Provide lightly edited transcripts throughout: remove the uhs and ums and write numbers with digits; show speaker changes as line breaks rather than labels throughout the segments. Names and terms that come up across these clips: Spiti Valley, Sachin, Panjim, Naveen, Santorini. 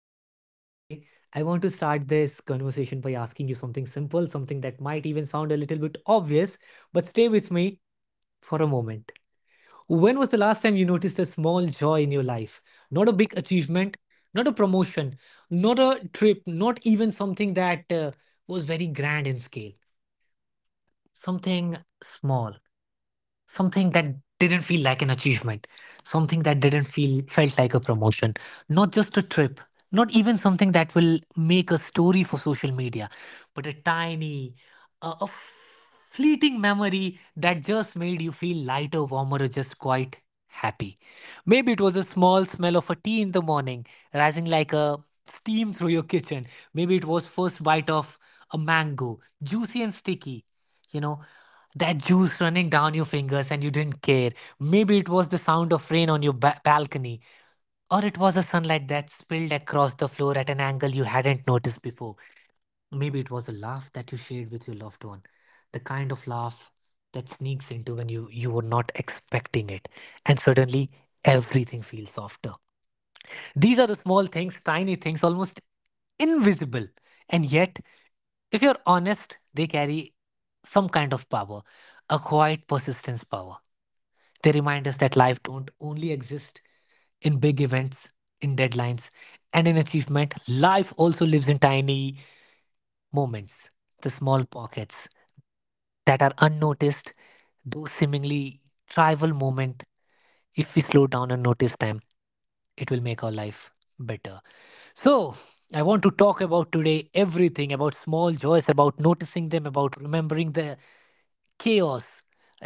glad that you are here today. I want to start this conversation by asking you something simple, something that might even sound a little bit obvious, but stay with me for a moment. When was the last time you noticed a small joy in your life? Not a big achievement, not a promotion, not a trip, not even something that was very grand in scale, something small. Something that didn't feel like an achievement, something that didn't feel felt like a promotion, not just a trip, not even something that will make a story for social media, but a tiny, a fleeting memory that just made you feel lighter, warmer, or just quite happy. Maybe it was a small smell of a tea in the morning, rising like a steam through your kitchen. Maybe it was first bite of a mango, juicy and sticky. You know, that juice running down your fingers and you didn't care. Maybe it was the sound of rain on your balcony, or it was the sunlight that spilled across the floor at an angle you hadn't noticed before. Maybe it was a laugh that you shared with your loved one, the kind of laugh that sneaks into when you were not expecting it, and suddenly everything feels softer. These are the small things, tiny things, almost invisible, and yet, if you're honest, they carry some kind of power, a quiet persistence power. They remind us that life don't only exist in big events, in deadlines, and in achievement. Life also lives in tiny moments, the small pockets that are unnoticed, those seemingly trivial moment. If we slow down and notice them, it will make our life better. So, I want to talk about today everything about small joys, about noticing them, about remembering the chaos,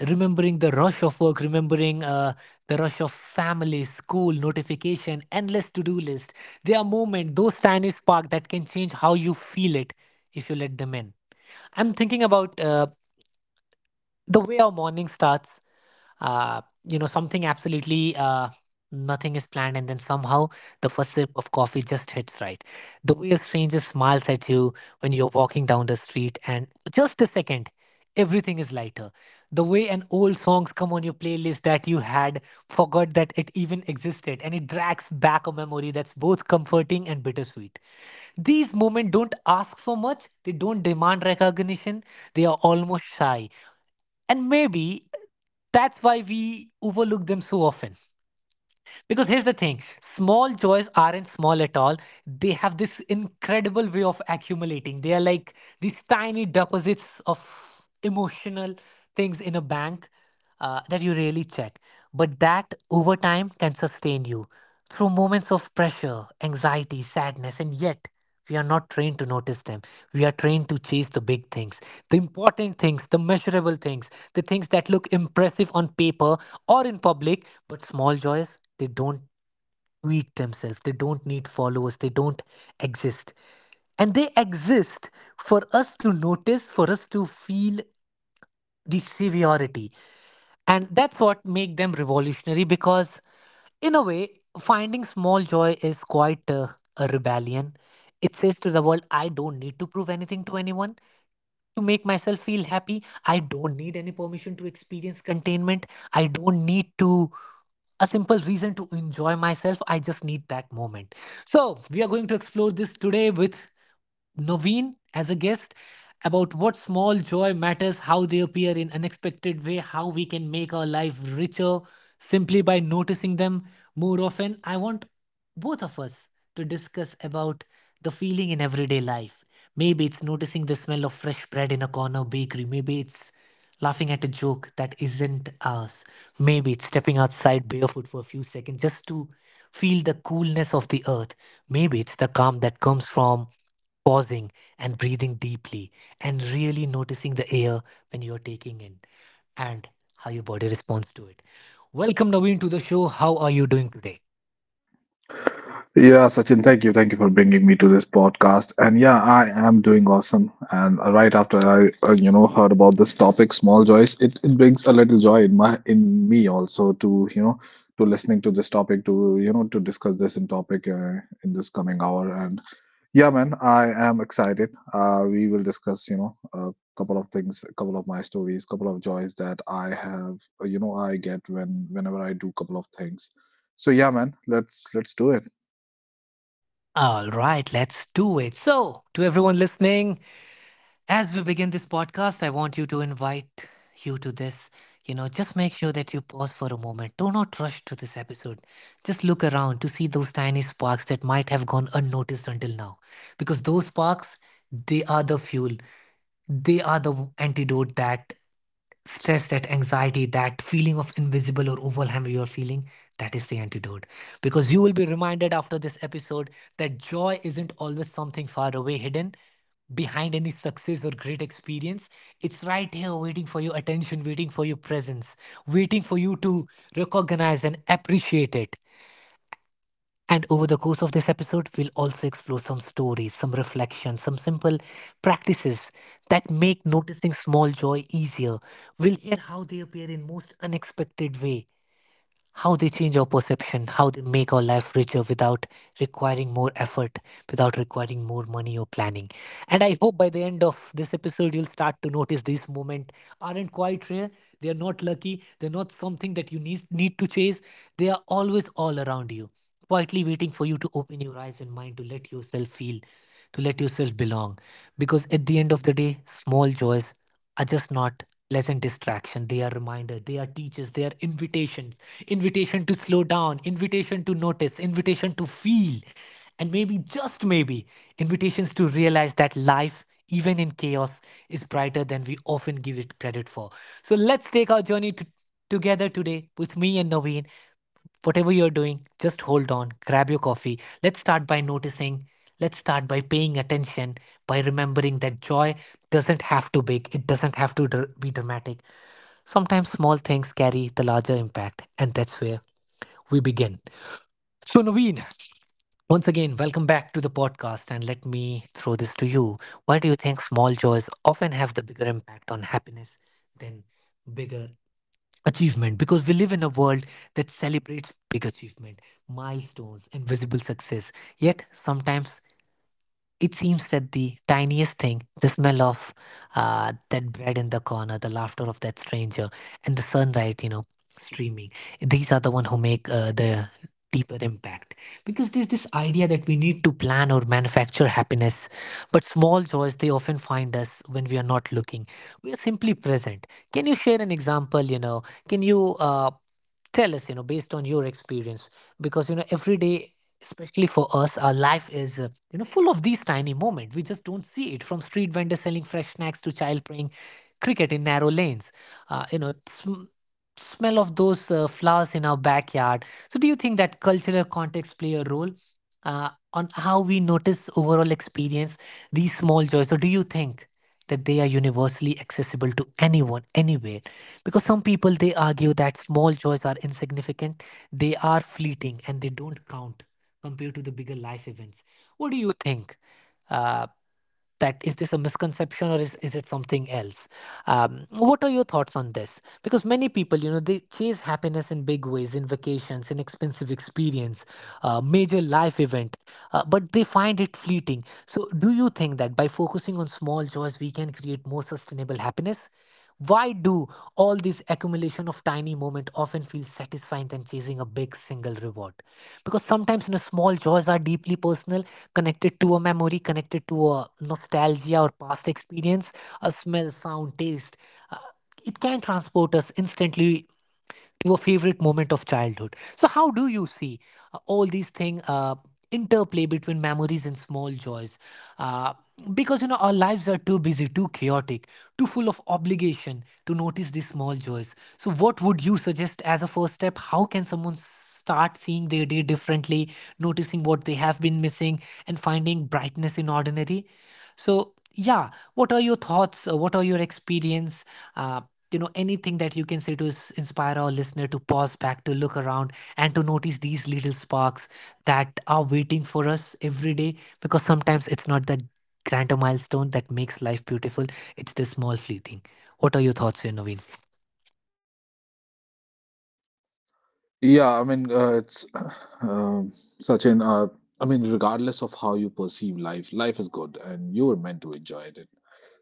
remembering the rush of work, remembering the rush of family, school notification, endless to-do list. There are moments, those tiny spark that can change how you feel it, if you let them in. I'm thinking about the way our morning starts. uh, you know, something absolutely, nothing is planned, and then somehow the first sip of coffee just hits right. The way a stranger smiles at you when you're walking down the street, and just a second everything is lighter. The way an old songs come on your playlist that you had forgot that it even existed, and it drags back a memory that's both comforting and bittersweet. These moments don't ask for much. They don't demand recognition. They are almost shy, and maybe that's why we overlook them so often. Because here's the thing: small joys aren't small at all. They have this incredible way of accumulating. They are like these tiny deposits of emotional things in a bank, that you rarely check. But that over time can sustain you through moments of pressure, anxiety, sadness. And yet, we are not trained to notice them. We are trained to chase the big things, the important things, the measurable things, the things that look impressive on paper or in public. But small joys, they don't tweet themselves. They don't need followers. They don't exist. And they exist for us to notice, for us to feel the severity. And that's what make them revolutionary, because in a way finding small joy is quite a rebellion. It says to the world, I don't need to prove anything to anyone to make myself feel happy. I don't need any permission to experience containment. I don't need to a simple reason to enjoy myself. I just need that moment. So we are going to explore this today with Naveen as a guest, about what small joy matters, how they appear in unexpected way, how we can make our life richer simply by noticing them more often. I want both of us to discuss about the feeling in everyday life. Maybe it's noticing the smell of fresh bread in a corner bakery. Maybe it's laughing at a joke that isn't ours. Maybe it's stepping outside barefoot for a few seconds just to feel the coolness of the earth. Maybe it's the calm that comes from pausing and breathing deeply and really noticing the air when you're taking in, and how your body responds to it. Welcome, Naveen, to the show. How are you doing today?
Yeah, Sachin, thank you. Thank you for bringing me to this podcast. And yeah, I am doing awesome. And right after I heard about this topic, small joys, it brings a little joy in my in me also to, to listening to this topic, to, to discuss this in topic in this coming hour. And yeah, man, I am excited. We will discuss, a couple of things, a couple of my stories, couple of joys that I have, I get whenever I do couple of things. So yeah, man, let's do it.
All right, let's do it. So, to everyone listening, as we begin this podcast, I want you to invite you to this. You know, just make sure that you pause for a moment. Do not rush to this episode. Just look around to see those tiny sparks that might have gone unnoticed until now. Because those sparks, they are the fuel, they are the antidote. That stress, that anxiety, that feeling of invisible or overwhelm you're feeling, that is the antidote. Because you will be reminded after this episode that joy isn't always something far away, hidden behind any success or great experience. It's right here, waiting for your attention, waiting for your presence, waiting for you to recognize and appreciate it. And over the course of this episode, we'll also explore some stories, some reflections, some simple practices that make noticing small joy easier. We'll hear how they appear in most unexpected way, how they change our perception, how they make our life richer without requiring more effort, without requiring more money or planning. And I hope by the end of this episode, you'll start to notice these moments aren't quite rare. They are not lucky. They're not something that you need to chase. They are always all around you, quietly waiting for you to open your eyes and mind to let yourself feel, to let yourself belong. Because at the end of the day, small joys are just not pleasant distraction. They are reminder, they are teachers, they are invitations. Invitation to slow down, invitation to notice, invitation to feel. And maybe, just maybe, invitations to realize that life, even in chaos, is brighter than we often give it credit for. So let's take our journey to, together today with me and Naveen. Whatever you're doing, just hold on, grab your coffee. Let's start by noticing. Let's start by paying attention, by remembering that joy doesn't have to be big, it doesn't have to be dramatic. Sometimes small things carry the larger impact, and that's where we begin. So, Naveen, once again, welcome back to the podcast, and let me throw this to you. Why do you think small joys often have the bigger impact on happiness than bigger achievement? Because we live in a world that celebrates big achievement, milestones, and visible success. Yet sometimes it seems that the tiniest thing, the smell of that bread in the corner, the laughter of that stranger, and the sunlight, you know, streaming, these are the one who make the deeper impact. Because there's this idea that we need to plan or manufacture happiness, but small joys, they often find us when we are not looking. We are simply present. Can you share an example, you know? Can you tell us, you know, based on your experience? Because, you know, every day, especially for us, our life is you know, full of these tiny moments we just don't see it, from street vendors selling fresh snacks to child playing cricket in narrow lanes, you know, smell of those flowers in our backyard. So do you think that cultural context play a role on how we notice overall experience these small joys? Or do you think that they are universally accessible to anyone anywhere? Because some people they argue that small joys are insignificant, they are fleeting, and they don't count compared to the bigger life events. What do you think, uh, that is, this a misconception, or is it something else? What are your thoughts on this? Because many people, you know, they chase happiness in big ways, in vacations, in expensive experience, major life event, but they find it fleeting. So, do you think that by focusing on small joys, we can create more sustainable happiness? Why do all this accumulation of tiny moment often feel satisfying than chasing a big single reward? Because sometimes, you know, small joys are deeply personal, connected to a memory, connected to a nostalgia or past experience, a smell, sound, taste. Uh, it can transport us instantly, your favorite moment of childhood. So, how do you see all these things? Interplay between memories and small joys, uh, because you know our lives are too busy, too chaotic, too full of obligation to notice these small joys. So what would you suggest as a first step? How can someone start seeing their day differently, noticing what they have been missing and finding brightness in ordinary? So yeah, what are your thoughts? What are your experience? uh, you know, anything that you can say to inspire our listener to pause back, to look around, and to notice these little sparks that are waiting for us every day? Because sometimes it's not the grander milestone that makes life beautiful, it's the small fleeting. What are your thoughts here, Naveen?
Yeah, I mean, it's um Sachin. I mean, regardless of how you perceive life, life is good, and you were meant to enjoy it.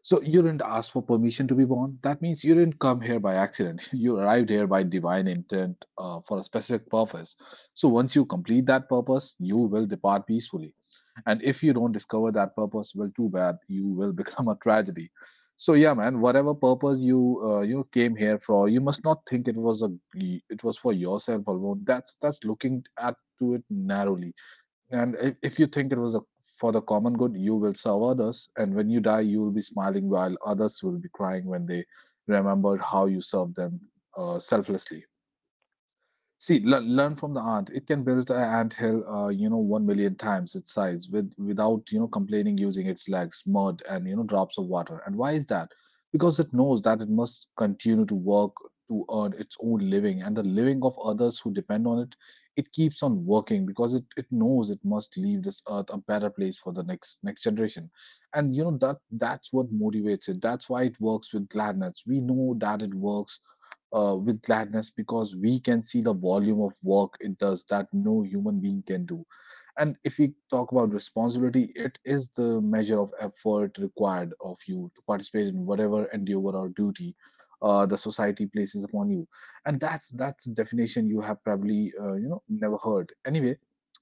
So you didn't ask for permission to be born. That means you didn't come here by accident. You arrived here by divine intent, for a specific purpose. So once you complete that purpose, you will depart peacefully. And if you don't discover that purpose, well, too bad, you will become a tragedy. So yeah, man, whatever purpose you came here for, you must not think it was for yourself alone. That's looking at to it narrowly. And if you think for the common good, you will serve others, and when you die you will be smiling, while others will be crying when they remember how you served them, selflessly. See, learn from the ant. It can build an anthill, 1 million times its size without, complaining, using its legs, mud, and, drops of water. And why is that? Because it knows that it must continue to work to earn its own living and the living of others who depend on it. It keeps on working because it knows it must leave this earth a better place for the next generation. And you know that that's what motivates it. That's why it works with gladness. We know that it works with gladness because we can see the volume of work it does that no human being can do. And if we talk about responsibility, it is the measure of effort required of you to participate in whatever endeavor or duty the society places upon you. And that's a definition you have probably never heard. Anyway,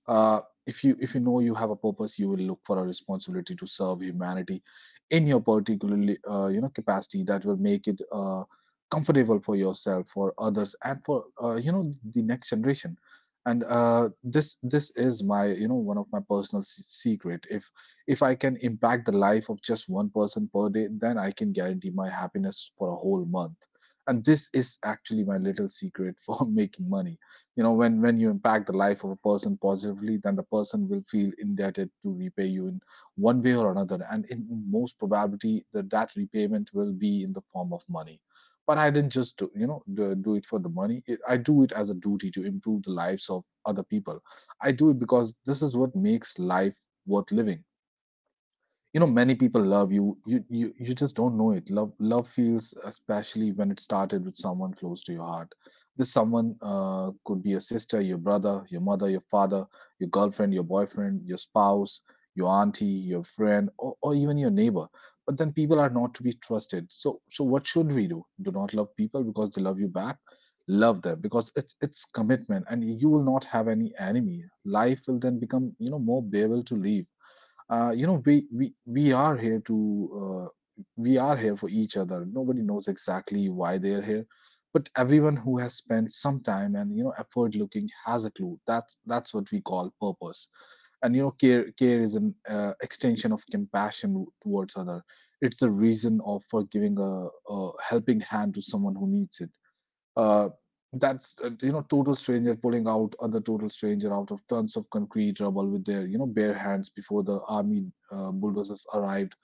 uh, if you know you have a purpose, you will look for a responsibility to serve humanity in your particular capacity that will make it comfortable for yourself, for others, and for the next generation. And this is my, you know, one of my personal secret. If I can impact the life of just one person per day, then I can guarantee my happiness for a whole month. And this is actually my little secret for making money. You know, when you impact the life of a person positively, then the person will feel indebted to repay you in one way or another, and in most probability that repayment will be in the form of money. But I didn't just do, you know, do, do it for the money. I do it as a duty to improve the lives of other people. I do it because this is what makes life worth living. You know, many people love you, you just don't know it. Love feels especially when it started with someone close to your heart. This someone could be your sister, your brother, your mother, your father, your girlfriend, your boyfriend, your spouse, your auntie, your friend, or even your neighbor. But then people are not to be trusted, so what should we do? Do not love people because they love you back. Love them because it's commitment and you will not have any enemy. Life will then become, you know, more bearable to live. We are here to we are here for each other. Nobody knows exactly why they are here, but everyone who has spent some time and, you know, effort looking has a clue. That's what we call purpose. And you know, care is an extension of compassion towards other. It's the reason of for giving a helping hand to someone who needs it. uh, that's, total stranger pulling out other total stranger out of tons of concrete rubble with their, you know, bare hands before the army bulldozers arrived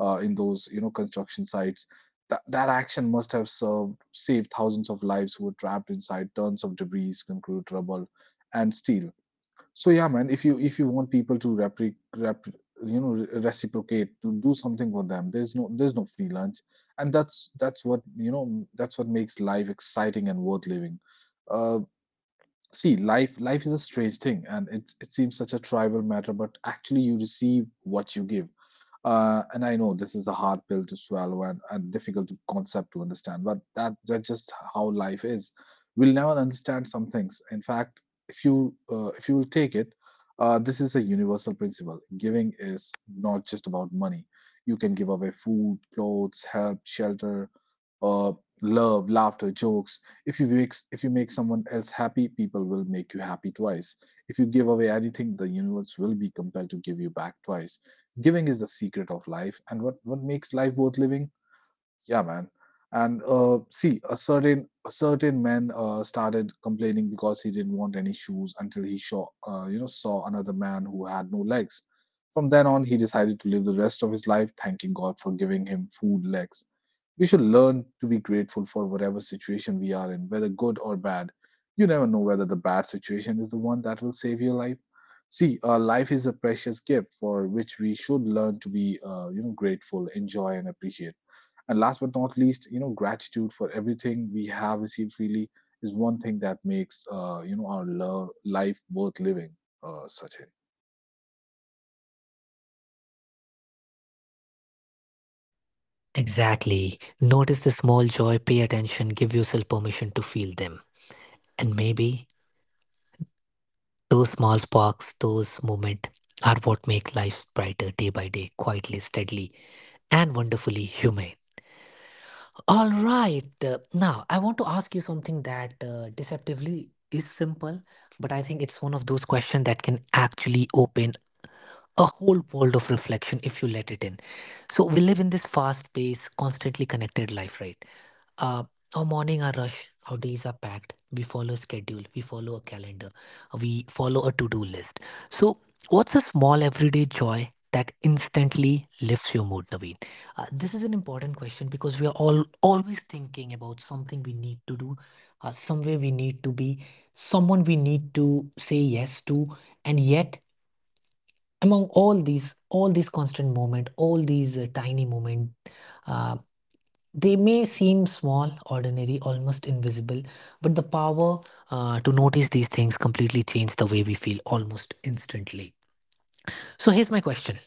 in those, you know, construction sites. That action must have served saved thousands of lives who were trapped inside tons of debris, concrete, rubble, and steel. So yeah, man, if you want people to repre rep, you know re- reciprocate to do something for them, there's no free lunch, and that's what makes life exciting and worth living. Uh, See, life is a strange thing, and it seems such a trivial matter, but actually you receive what you give. And I know this is a hard pill to swallow and a difficult concept to understand, but that's just how life is. We'll never understand some things. In fact, if you will take it, this is a universal principle. Giving is not just about money. You can give away food, clothes, help, shelter, uh, love, laughter, jokes. If you make someone else happy, people will make you happy twice. If you give away anything, the universe will be compelled to give you back twice. Giving is the secret of life, and what makes life worth living? Yeah, man. And see, a certain man started complaining because he didn't want any shoes until he saw you know saw another man who had no legs. From then on, he decided to live the rest of his life thanking God for giving him food, legs. We should learn to be grateful for whatever situation we are in, whether good or bad. You never know whether the bad situation is the one that will save your life. See, life is a precious gift for which we should learn to be, grateful, enjoy, and appreciate. And last but not least, you know, gratitude for everything we have received freely is one thing that makes, our life worth living. Sachin.
Exactly. Notice the small joy, pay attention, give yourself permission to feel them. And maybe those small sparks, those moments, are what make life brighter day by day, quietly, steadily, and wonderfully human. All right. Now, I want to ask you something that deceptively is simple, but I think it's one of those questions that can actually open a whole world of reflection if you let it in. So, we live in this fast paced, constantly connected life, right? Uh, our morning are rush. Our days are packed. We follow a schedule. We follow a calendar. We follow a to-do list. So, what's a small everyday joy that instantly lifts your mood, Naveen? This is an important question because we are all always thinking about something we need to do, somewhere we need to be, someone we need to say yes to, and yet among all these constant moment, all these tiny moment. uh, they may seem small, ordinary, almost invisible, but the power to notice these things completely change the way we feel almost instantly. So here's my question.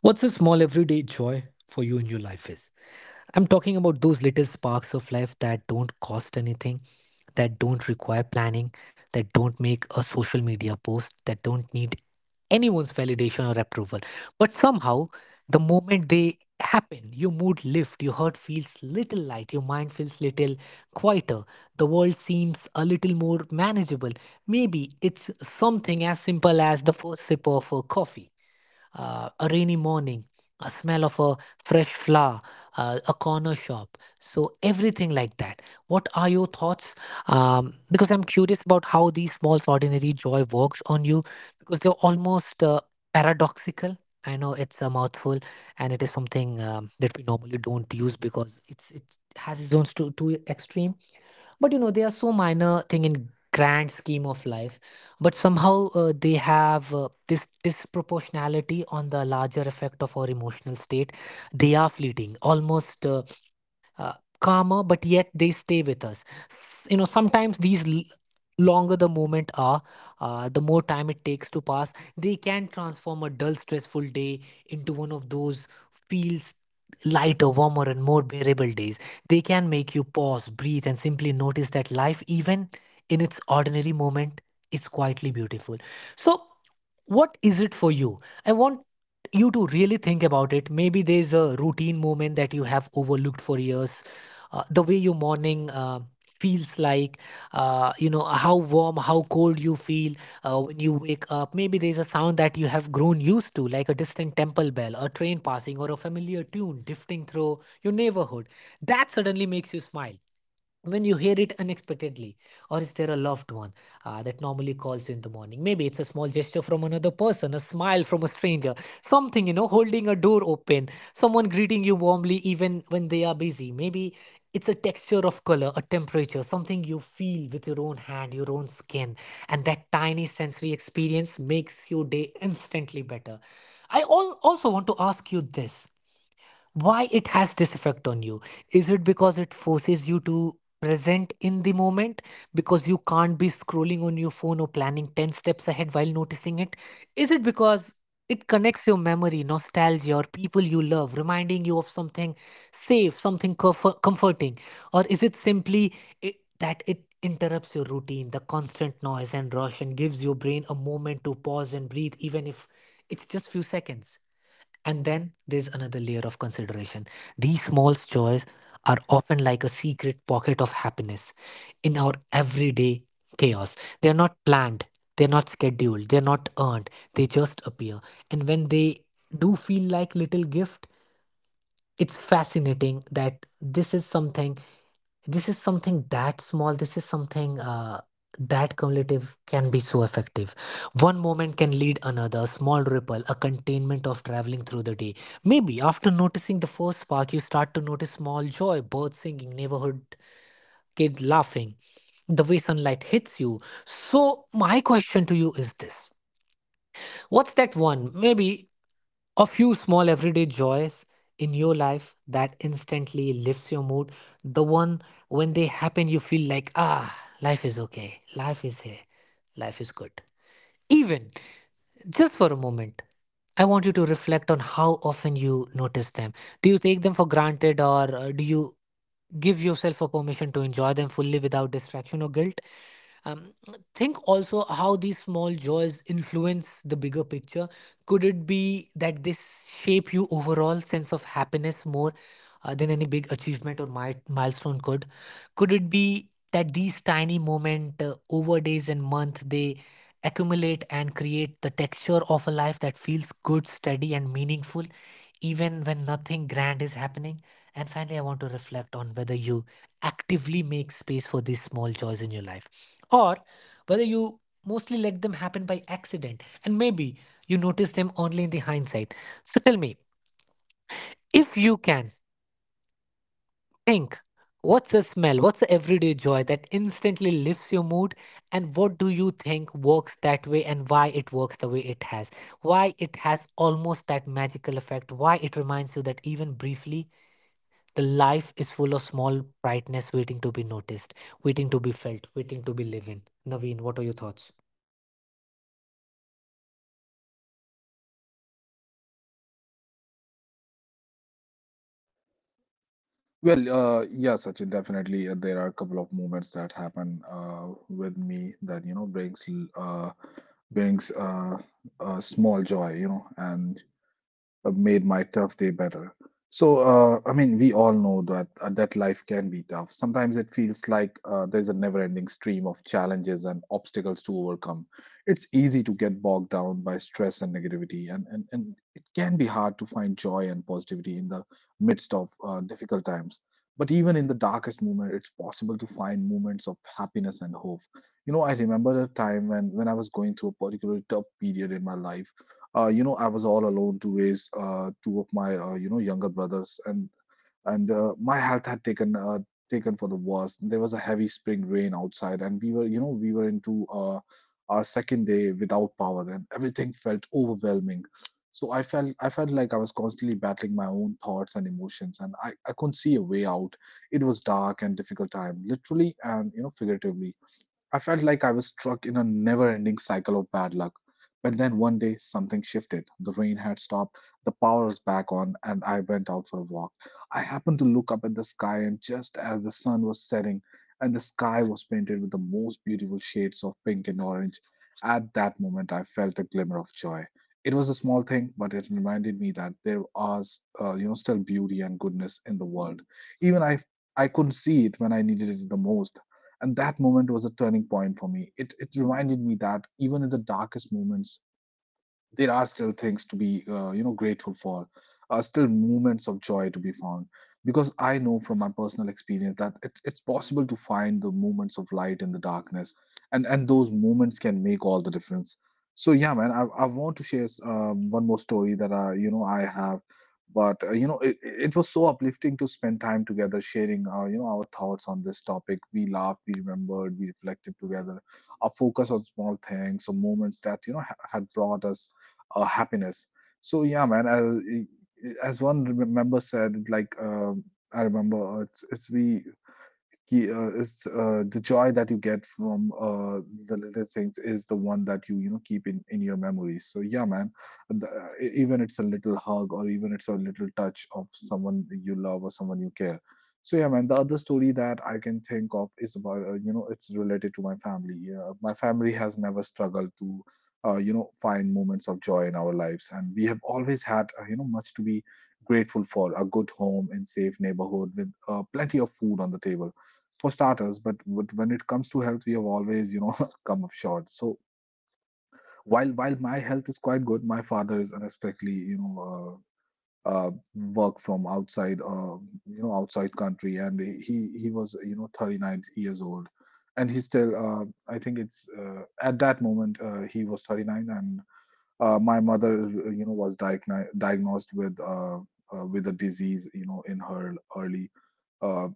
What's the small everyday joy for you in your life is? I'm talking about those little sparks of life that don't cost anything, that don't require planning, that don't make a social media post, that don't need anyone's validation or approval. But somehow, the moment they happen, your mood lifts, your heart feels little light, your mind feels little quieter, the world seems a little more manageable. Maybe it's something as simple as the first sip of a coffee, a rainy morning, a smell of a fresh flower, a corner shop. So, everything like that. What are your thoughts? Because I'm curious about how these small, ordinary joy works on you because they're almost paradoxical. I know it's a mouthful and it is something that we normally don't use because it has its own too extreme. But you know, they are so minor thing in grand scheme of life, but somehow they have this disproportionality on the larger effect of our emotional state. They are fleeting, almost uh, calmer, but yet they stay with us. You know, sometimes these longer the moment are, the more time it takes to pass, they can transform a dull stressful day into one of those feels lighter, warmer, and more bearable days. They can make you pause, breathe, and simply notice that life, even in its ordinary moment, is quietly beautiful. So what is it for you? I want you to really think about it. Maybe there's a routine moment that you have overlooked for years. Uh, the way your morning feels like, you know, how warm, how cold you feel when you wake up. Maybe there's a sound that you have grown used to, like a distant temple bell, a train passing, or a familiar tune drifting through your neighborhood that suddenly makes you smile when you hear it unexpectedly. Or is there a loved one that normally calls you in the morning? Maybe it's a small gesture from another person, a smile from a stranger, something you know, holding a door open, someone greeting you warmly even when they are busy. Maybe it's a texture of color, a temperature, something you feel with your own hand, your own skin, and that tiny sensory experience makes your day instantly better. Also want to ask you this. Why it has this effect on you? Is it because it forces you to present in the moment, because you can't be scrolling on your phone or planning 10 steps ahead while noticing it? Is it because it connects your memory, nostalgia, or people you love, reminding you of something safe, something comforting? Or is it simply that it interrupts your routine, the constant noise and rush, and gives your brain a moment to pause and breathe, even if it's just few seconds? And then there's another layer of consideration. These small joys are often like a secret pocket of happiness in our everyday chaos. They're not planned, they're not scheduled, they're not earned, they just appear. And when they do feel like little gift, it's fascinating that this is something that small, this is something that cumulative can be so effective. One moment can lead another, a small ripple, a containment of traveling through the day. Maybe after noticing the first spark, you start to notice small joy, birds singing, neighborhood kid laughing, the way sunlight hits you. So my question to you is this. What's that one, maybe a few small everyday joys in your life that instantly lifts your mood? The one when they happen, you feel like, ah, life is okay. Life is here. Life is good. Even just for a moment, I want you to reflect on how often you notice them. Do you take them for granted, or do you give yourself a permission to enjoy them fully without distraction or guilt? Um, think also how these small joys influence the bigger picture. Could it be that this shape you overall sense of happiness more than any big achievement or milestone could? Could it be that these tiny moment over days and month, they accumulate and create the texture of a life that feels good, steady, and meaningful, even when nothing grand is happening? And finally, I want to reflect on whether you actively make space for these small joys in your life, or whether you mostly let them happen by accident, and maybe you notice them only in the hindsight. So tell me, if you can think, what's the smell, what's the everyday joy that instantly lifts your mood, and what do you think works that way and why it works the way it has? Why it has almost that magical effect, why it reminds you that even briefly, the life is full of small brightness waiting to be noticed, waiting to be felt, waiting to be lived in. Naveen, what are your thoughts?
Well, yeah, Sachin, definitely. There are a couple of moments that happen with me that, you know, brings a small joy, you know, and made my tough day better. So, I mean, we all know that life can be tough. Sometimes it feels like there's a never-ending stream of challenges and obstacles to overcome. It's easy to get bogged down by stress and negativity, and it can be hard to find joy and positivity in the midst of difficult times. But even in the darkest moment, it's possible to find moments of happiness and hope. You know, I remember a time when I was going through a particularly tough period in my life. I was all alone to raise two of my, younger brothers, and my health had taken for the worst. There was a heavy spring rain outside, and we were into our second day without power, and everything felt overwhelming. So I felt like I was constantly battling my own thoughts and emotions, and I couldn't see a way out. It was dark and difficult time, literally and, you know, figuratively. I felt like I was stuck in a never ending cycle of bad luck. But then one day something shifted. The rain had stopped, the power was back on, and I went out for a walk. I happened to look up at the sky, and just as the sun was setting, and the sky was painted with the most beautiful shades of pink and orange, at that moment I felt a glimmer of joy. It was a small thing, but it reminded me that there was, still beauty and goodness in the world. Even if I couldn't see it when I needed it the most. And that moment was a turning point for me. It reminded me that even in the darkest moments, there are still things to be grateful for, still moments of joy to be found, because I know from my personal experience that it's possible to find the moments of light in the darkness, and those moments can make all the difference. So yeah, man, I want to share one more story that I have. But it was so uplifting to spend time together, sharing our thoughts on this topic. We laughed, we remembered, we reflected together, a focus on small things or moments that had brought us happiness. So yeah, man. As one member said, like I remember, it's we ki- is the joy that you get from the little things is the one that you know keep in your memories. So yeah, man, the, even it's a little hug, or even it's a little touch of someone you love or someone you care. So yeah, man, the other story that I can think of is about it's related to my family. Yeah, my family has never struggled to find moments of joy in our lives, and we have always had much to be grateful for: a good home and safe neighborhood with plenty of food on the table, for starters. But when it comes to health, we have always come up short. So while my health is quite good, my father is unexpectedly work from outside, outside country, and he was 39 years old. And he still I think it's at that moment he was 39. And my mother was diagnosed with a disease, in her early uh,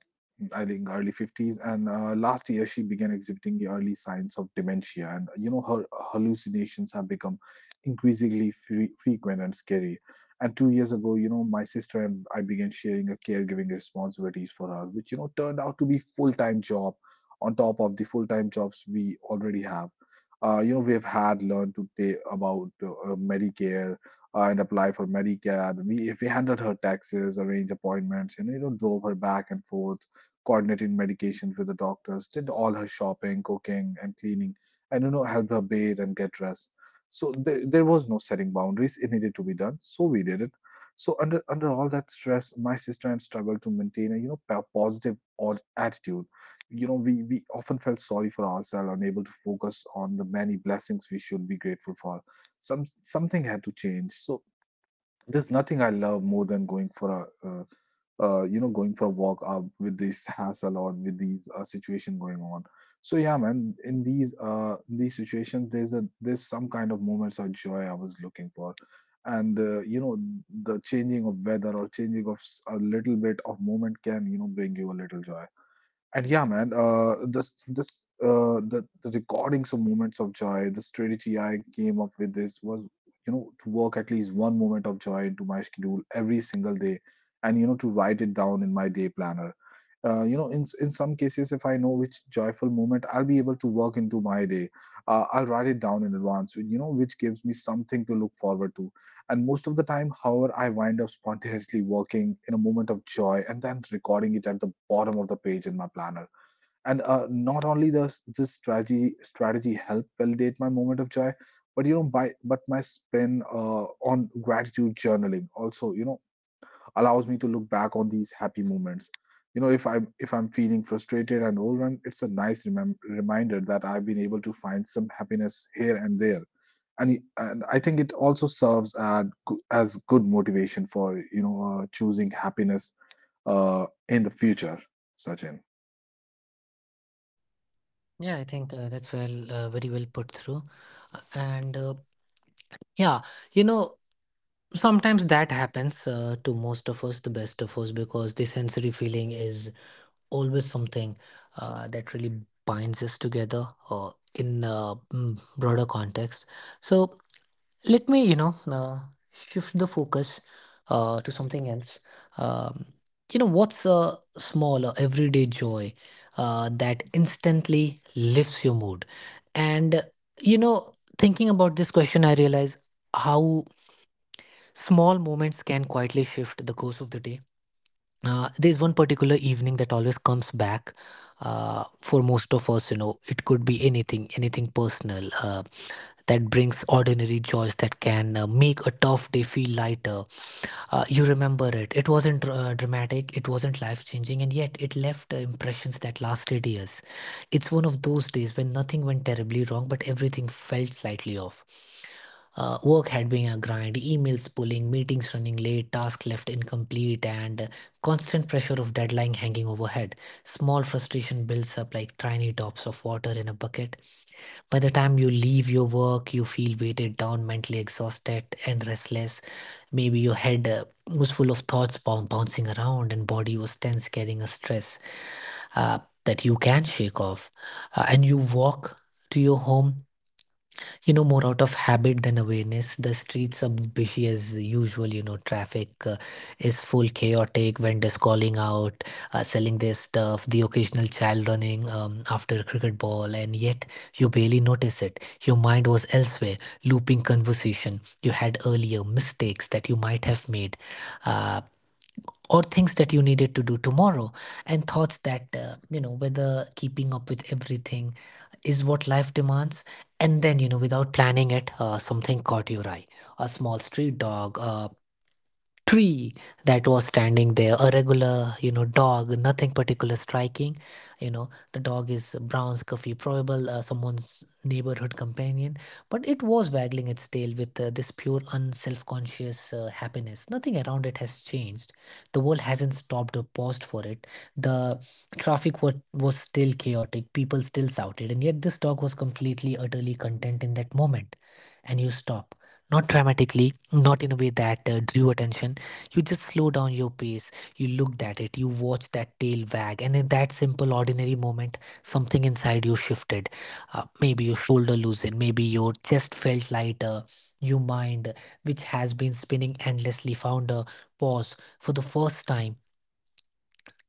I think early 50s. And last year, she began exhibiting the early signs of dementia. And, her hallucinations have become increasingly frequent and scary. And 2 years ago, my sister and I began sharing a caregiving responsibilities for her, which, turned out to be full-time job on top of the full-time jobs we already have. We have had learned to take about Medicare, and apply for Medicare. We handled her taxes, arranged appointments, and drove her back and forth, coordinating medications with the doctors, did all her shopping, cooking, and cleaning, and helped her bathe and get dressed. So there was no setting boundaries. It needed to be done, so we did it. So under all that stress, my sister and I struggled to maintain a positive or attitude. We often felt sorry for ourselves, unable to focus on the many blessings we should be grateful for. Something had to change. So there's nothing I love more than going for a going for a walk with this hassle or with these situation going on. So yeah, man, in these situations, there's a there's some kind of moments of joy I was looking for, and the changing of weather or changing of a little bit of moment can bring you a little joy. And yeah, man, this this the recordings of moments of joy. The strategy I came up with this was, to work at least one moment of joy into my schedule every single day, and to write it down in my day planner. In some cases, if I know which joyful moment I'll be able to work into my day, I'll write it down in advance. Which gives me something to look forward to. And most of the time, however, I wind up spontaneously working in a moment of joy and then recording it at the bottom of the page in my planner. And not only does this strategy help validate my moment of joy, but by but my spin on gratitude journaling also, allows me to look back on these happy moments. You know, if I'm feeling frustrated and overwhelmed, it's a nice reminder that I've been able to find some happiness here and there. And I think it also serves as as good motivation for choosing happiness in the future, Sachin.
Yeah, I think that's well, very well put through. And Yeah, you know, sometimes that happens to most of us, the best of us, because the sensory feeling is always something that really binds us together in a broader context. So let me you know shift the focus to something else. um, you know, what's a smaller everyday joy that instantly lifts your mood? And you know, thinking about this question, I realize how small moments can quietly shift the course of the day. Uh, there's one particular evening that always comes back. For most of us, you know, it could be anything, anything personal that brings ordinary joys that can make a tough day feel lighter. You remember it. It wasn't dramatic, it wasn't life changing, and yet it left impressions that lasted years. It's one of those days when nothing went terribly wrong, but everything felt slightly off. Work had been a grind, emails pulling, meetings running late, tasks left incomplete, and constant pressure of deadline hanging overhead. Small frustration builds up like tiny drops of water in a bucket. By the time you leave your work, you feel weighted down, mentally exhausted, and restless. Maybe your head was full of thoughts bouncing around, and body was tense, carrying a stress uh, that you can shake off. And you walk to your home, more out of habit than awareness. The streets are busy as usual, traffic is full chaotic, vendors calling out, selling their stuff, the occasional child running after a cricket ball. And yet you barely notice it. Your mind was elsewhere, looping conversation you had earlier, mistakes that you might have made, uh, or things that you needed to do tomorrow, and thoughts that whether keeping up with everything is what life demands. And then, without planning it, something caught your eye. A small street dog, tree, that was standing there, a regular dog, nothing particular striking. The dog is brown, scuffy, probable someone's neighborhood companion, but it was waggling its tail with this pure unself-conscious happiness. Nothing around it has changed. The world hasn't stopped or paused for it. The traffic was still chaotic, people still shouted, and yet this dog was completely utterly content in that moment. And you stop, not dramatically, not in a way that drew attention. You just slow down your pace, you looked at it, you watched that tail wag, and in that simple, ordinary moment, something inside you shifted. Maybe your shoulder loosened, maybe your chest felt lighter. Your mind, which has been spinning endlessly, found a pause. For the first time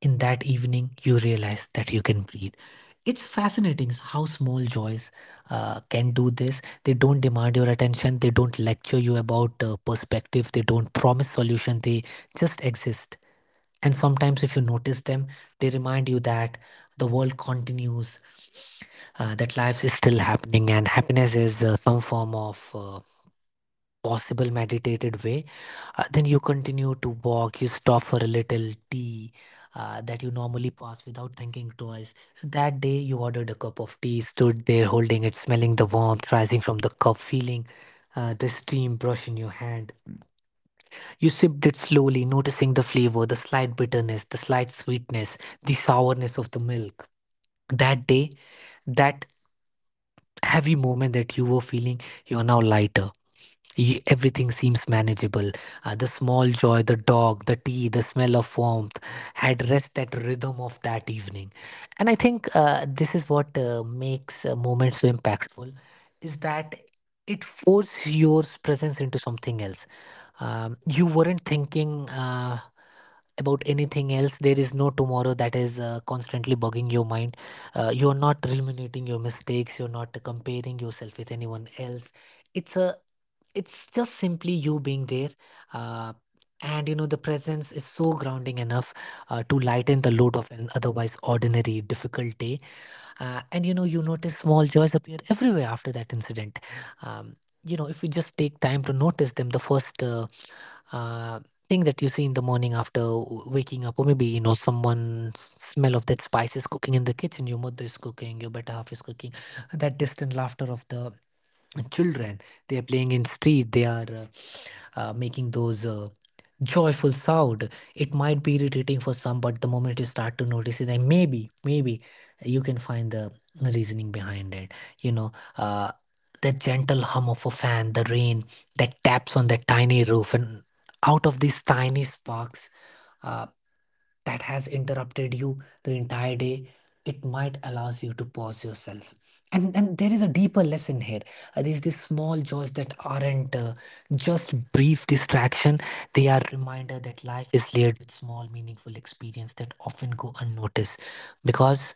in that evening, you realize that you can breathe. It's fascinating how small joys can do this. They don't demand your attention, they don't lecture you about perspective, they don't promise solution, they just exist. And sometimes if you notice them, they remind you that the world continues, that life is still happening, and happiness is, some form of possible meditated way. Then you continue to walk, you stop for a little tea that you normally pass without thinking twice. So that day you ordered a cup of tea, stood there holding it, smelling the warmth rising from the cup, feeling the steam brush in your hand. You sipped it slowly, noticing the flavor, the slight bitterness, the slight sweetness, the sourness of the milk. That day, that heavy moment that you were feeling, you are now lighter. Everything seems manageable. The small joy, the dog, the tea, the smell of warmth had rest that rhythm of that evening. And I think this is what makes a moment so impactful, is that it forces your presence into something else. You weren't thinking about anything else. There is no tomorrow that is constantly bugging your mind. You're not ruminating your mistakes. You're not comparing yourself with anyone else. It's a it's just simply you being there, uh, and the presence is so grounding enough to lighten the load of an otherwise ordinary difficult day. And you notice small joys appear everywhere after that incident. Um, if you just take time to notice them, the first uh, thing that you see in the morning after waking up, or maybe someone, smell of that spice is cooking in the kitchen. Your mother is cooking, your better half is cooking. That distant laughter of the children, they are playing in street. They are making those joyful sound. It might be irritating for some, but the moment you start to notice it, and maybe, maybe you can find the reasoning behind it. You know, uh, the gentle hum of a fan, the rain that taps on that tiny roof, and out of these tiny sparks, uh, that has interrupted you the entire day, it might allows you to pause yourself. And there is a deeper lesson here. These small joys that aren't just brief distraction, they are reminder that life is layered with small meaningful experience that often go unnoticed, because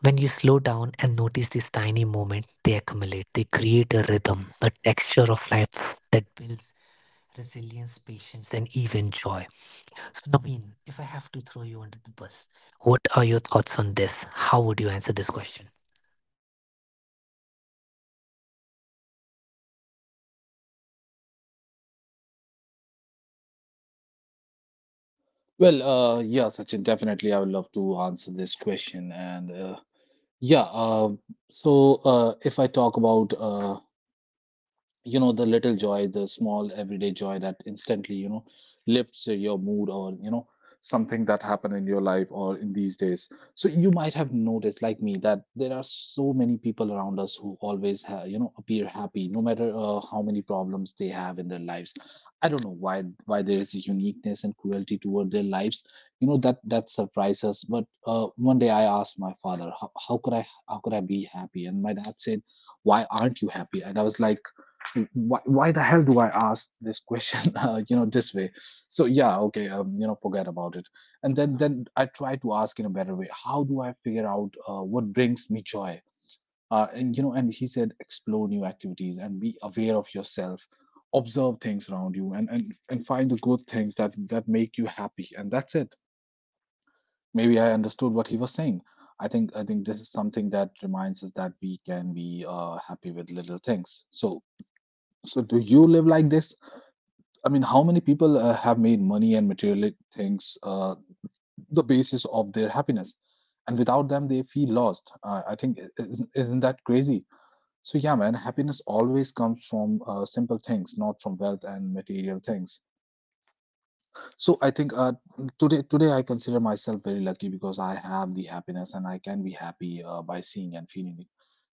when you slow down and notice these tiny moments, they accumulate, they create a rhythm, a texture of life that builds resilience, patience, and even joy. So, Naveen, if I have to throw you under the bus, what are your thoughts on this? How would you answer this question?
Well, yeah, Sachin, definitely I would love to answer this question. And yeah, uh, if I talk about the little joy, the small everyday joy that instantly lifts your mood, or something that happened in your life or in these days. So you might have noticed like me that there are so many people around us who always appear happy, no matter how many problems they have in their lives. I don't know why there is a uniqueness and cruelty toward their lives, that that surprises us. But one day I asked my father how could I be happy, and my dad said, why aren't you happy? And I was like, why the hell do I ask this question, this way? So yeah, okay, forget about it. And then I try to ask in a better way. How do I figure out what brings me joy? And he said, explore new activities and be aware of yourself, observe things around you, and and find the good things that make you happy. And that's it. Maybe I understood what he was saying. I think this is something that reminds us that we can be happy with little things. So so do you live like this? I mean, how many people have made money and materialistic things the basis of their happiness? And without them, they feel lost. I think, isn't that crazy? So, yeah, man, happiness always comes from simple things, not from wealth and material things. So I think today I consider myself very lucky because I have the happiness and I can be happy by seeing and feeling it.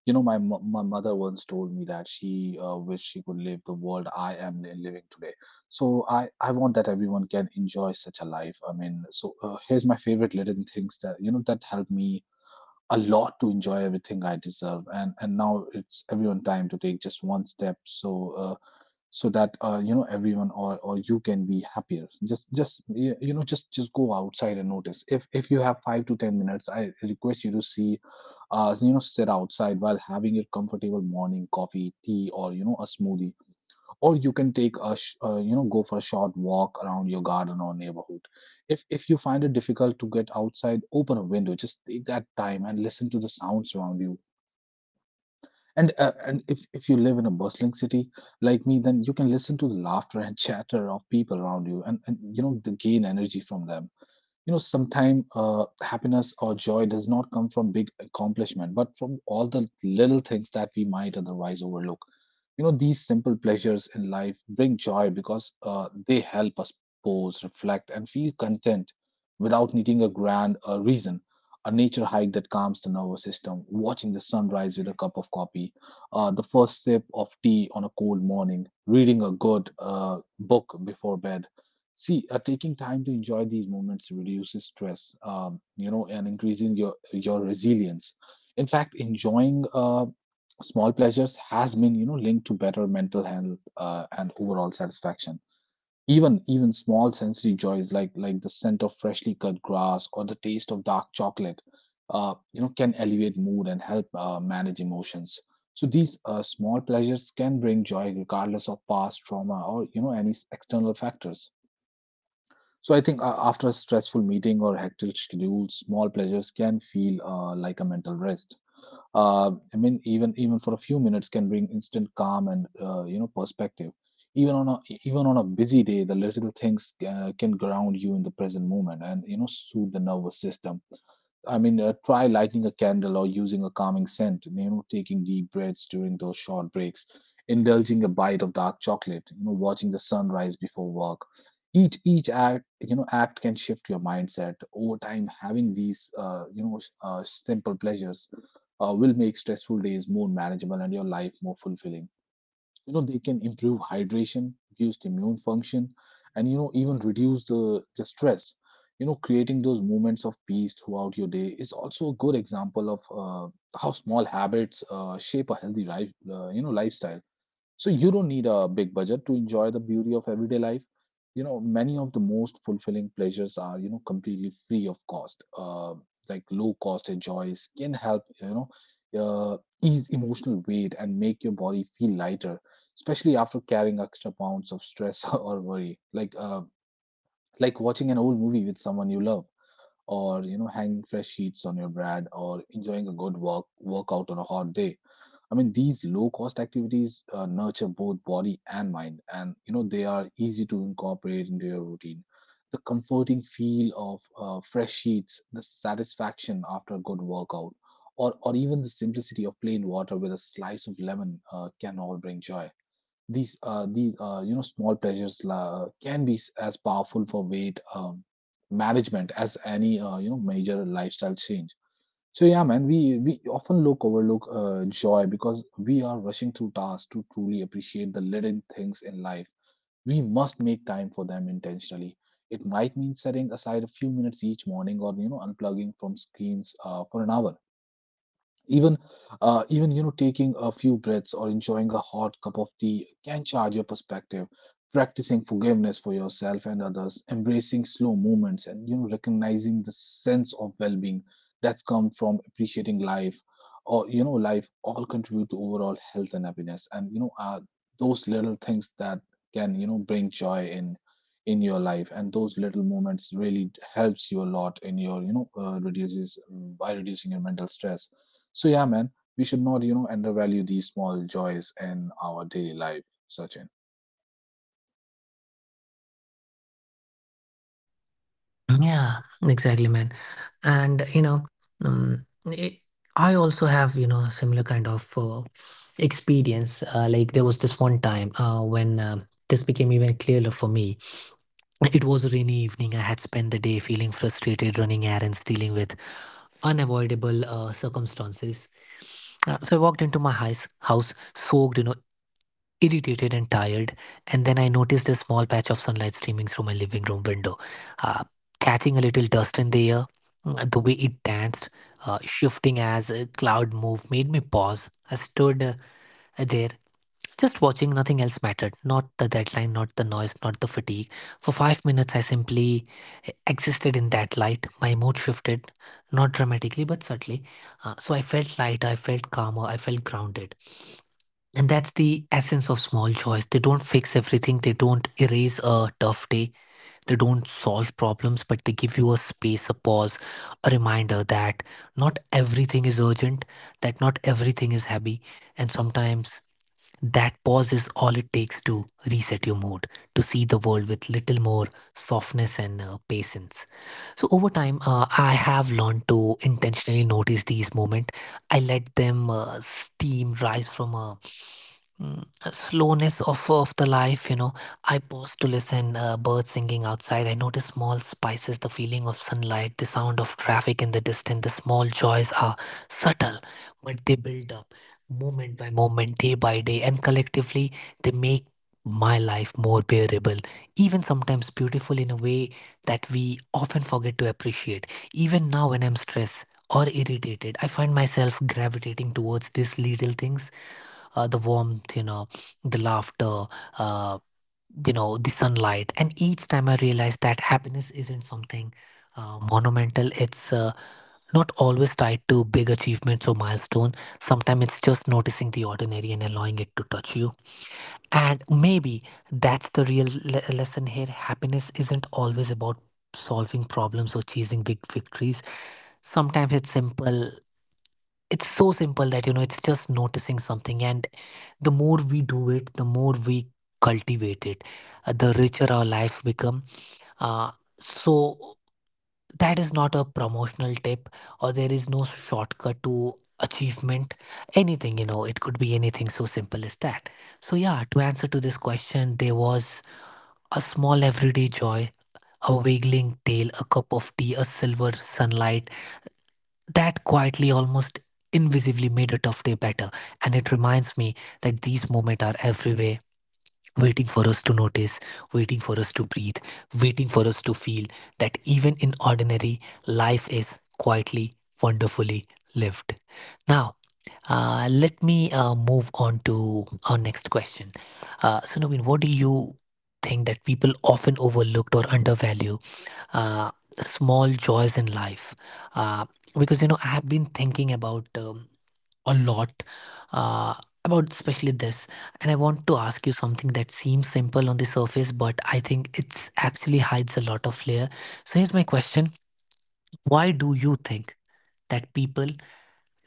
You know, my mother once told me that she wished she could live the world I am living today. So I want that everyone can enjoy such a life. I mean, so here's my favorite little things that that help me a lot to enjoy everything I deserve. And now it's everyone time to take just one step. So uh, so that you know everyone or you can be happier, just y- you know just go outside and notice. If you have 5 to 10 minutes, I request you to see, sit outside while having your comfortable morning coffee, tea, or a smoothie, or you can take a go for a short walk around your garden or neighborhood. If you find it difficult to get outside, open a window, just take that time and listen to the sounds around you. And if you live in a bustling city like me, then you can listen to the laughter and chatter of people around you, and the gain energy from them. You know, sometimes happiness or joy does not come from big accomplishment, but from all the little things that we might otherwise overlook. You know, these simple pleasures in life bring joy because they help us pause, reflect, and feel content without needing a grand reason. A nature hike that calms the nervous system, watching the sunrise with a cup of coffee, the first sip of tea on a cold morning, reading a good book before bed. See, taking time to enjoy these moments reduces stress, and increasing your resilience. In fact, enjoying small pleasures has been, linked to better mental health and overall satisfaction. Even small sensory joys like the scent of freshly cut grass or the taste of dark chocolate, can elevate mood and help manage emotions. So these small pleasures can bring joy regardless of past trauma or any external factors. So I think after a stressful meeting or hectic schedule, small pleasures can feel like a mental rest. I mean, even for a few minutes can bring instant calm and perspective. Even on a Even on a busy day, the little things can ground you in the present moment and soothe the nervous system. Try lighting a candle or using a calming scent, you know, taking deep breaths during those short breaks, indulging a bite of dark chocolate, you know, watching the sunrise before work. Each act can shift your mindset over time. Having these, simple pleasures will make stressful days more manageable and your life more fulfilling. They can improve hydration, boost immune function, and even reduce the stress. Creating those moments of peace throughout your day is also a good example of how small habits shape a healthy lifestyle. So you don't need a big budget to enjoy the beauty of everyday life. You know, many of the most fulfilling pleasures are you know, completely free of cost. Like, low cost joys can help you know, ease emotional weight and make your body feel lighter, especially after carrying extra pounds of stress or worry. Like watching an old movie with someone you love, or you know, hanging fresh sheets on your bed, or enjoying a good workout on a hot day. These low cost activities nurture both body and mind, and you know they are easy to incorporate into your routine. The comforting feel of fresh sheets, the satisfaction after a good workout, or even the simplicity of plain water with a slice of lemon can all bring joy. These small pleasures can be as powerful for weight management as any major lifestyle change. So yeah, man, we often look overlook joy because we are rushing through tasks to truly appreciate the little things in life. We must make time for them intentionally. It might mean setting aside a few minutes each morning, or you know, unplugging from screens for an hour. Even, even taking a few breaths or enjoying a hot cup of tea can charge your perspective. Practicing forgiveness for yourself and others, embracing slow movements, and you know, recognizing the sense of well-being that's come from appreciating life, all contribute to overall health and happiness. Those little things that can bring joy in your life, and those little moments really helps you a lot in your reduces by reducing your mental stress. So yeah, man, we should not you know, undervalue these small joys in our daily life, Sachin.
Yeah, exactly, man. And um, it, I also have similar kind of experience. Like there was this one time when this became even clearer for me. It was a rainy evening. I had spent the day feeling frustrated, running errands, dealing with unavoidable circumstances. So I walked into my house soaked, irritated and tired, and then I noticed a small patch of sunlight streaming through my living room window, uh, catching a little dust in the air. The way it danced, shifting as a cloud moved, made me pause. I stood there, just watching. Nothing else mattered. Not the deadline, not the noise, not the fatigue. For 5 minutes, I simply existed in that light. My mood shifted, not dramatically, but subtly. So I felt lighter, I felt calmer, I felt grounded. And that's the essence of small joys. They don't fix everything, they don't erase a tough day, they don't solve problems, but they give you a space, a pause, a reminder that not everything is urgent, that not everything is happy, and sometimes that pause is all it takes to reset your mood, to see the world with little more softness and patience. So over time, I have learned to intentionally notice these moments. I let them steam rise from a Mm, slowness of the life. I pause to listen birds singing outside, I notice small spices, the feeling of sunlight, the sound of traffic in the distance. The small joys are subtle, but they build up moment by moment, day by day, and collectively they make my life more bearable, even sometimes beautiful in a way that we often forget to appreciate. Even now when I'm stressed or irritated, I find myself gravitating towards these little things, the warmth, the laughter, uh, the sunlight. And each time I realized that happiness isn't something monumental, it's not always tied to big achievements or milestone. Sometimes it's just noticing the ordinary and allowing it to touch you. And maybe that's the real lesson here. Happiness isn't always about solving problems or chasing big victories. Sometimes it's so simple that, it's just noticing something. And the more we do it, the more we cultivate it, the richer our life become. Uh, so that is not a promotional tip, or there is no shortcut to achievement, anything, it could be anything so simple as that. So yeah, to answer to this question, there was a small everyday joy, a wiggling tail, a cup of tea, a silver sunlight that quietly, almost invisibly, made a tough day better. And it reminds me that these moments are everywhere, waiting for us to notice, waiting for us to breathe, waiting for us to feel that even in ordinary, life is quietly, wonderfully lived. Now, let me move on to our next question. So, Naveen, what do you think that people often overlooked or undervalued, uh, small joys in life? Uh, because I have been thinking about, a lot uh, about especially this, and I want to ask you something that seems simple on the surface, but I think it's actually hides a lot of layer. So here's my question: why do you think that people,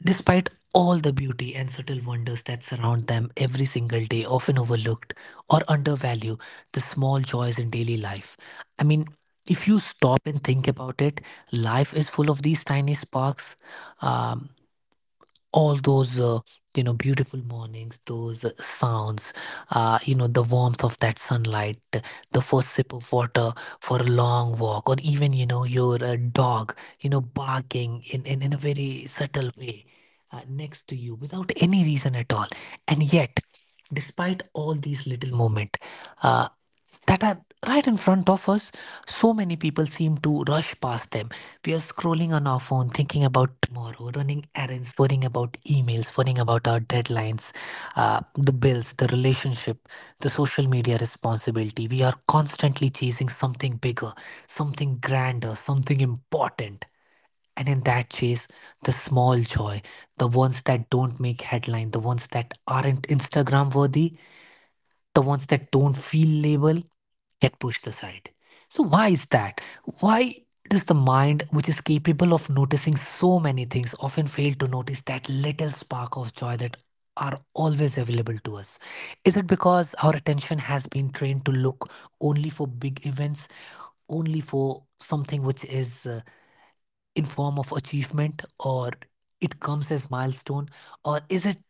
despite all the beauty and subtle wonders that surround them every single day, often overlooked or undervalued the small joys in daily life? I mean, if you stop and think about it, life is full of these tiny sparks. Um, all those beautiful mornings, those sounds, the warmth of that sunlight, the first sip of water, for a long walk, or even your dog barking in a very subtle way next to you without any reason at all. And yet, despite all these little moments uh, that are right in front of us, so many people seem to rush past them. We are scrolling on our phone, thinking about tomorrow, running errands, worrying about emails, worrying about our deadlines, the bills, the relationship, the social media responsibility. We are constantly chasing something bigger, something grander, something important. And in that chase, the small joy, the ones that don't make headline, the ones that aren't Instagram worthy, the ones that don't feel label, get pushed aside. So, why is that? Why does the mind, which is capable of noticing so many things, often fail to notice that little spark of joy that are always available to us? Is it because our attention has been trained to look only for big events, only for something which is in form of achievement, or it comes as milestone, or is it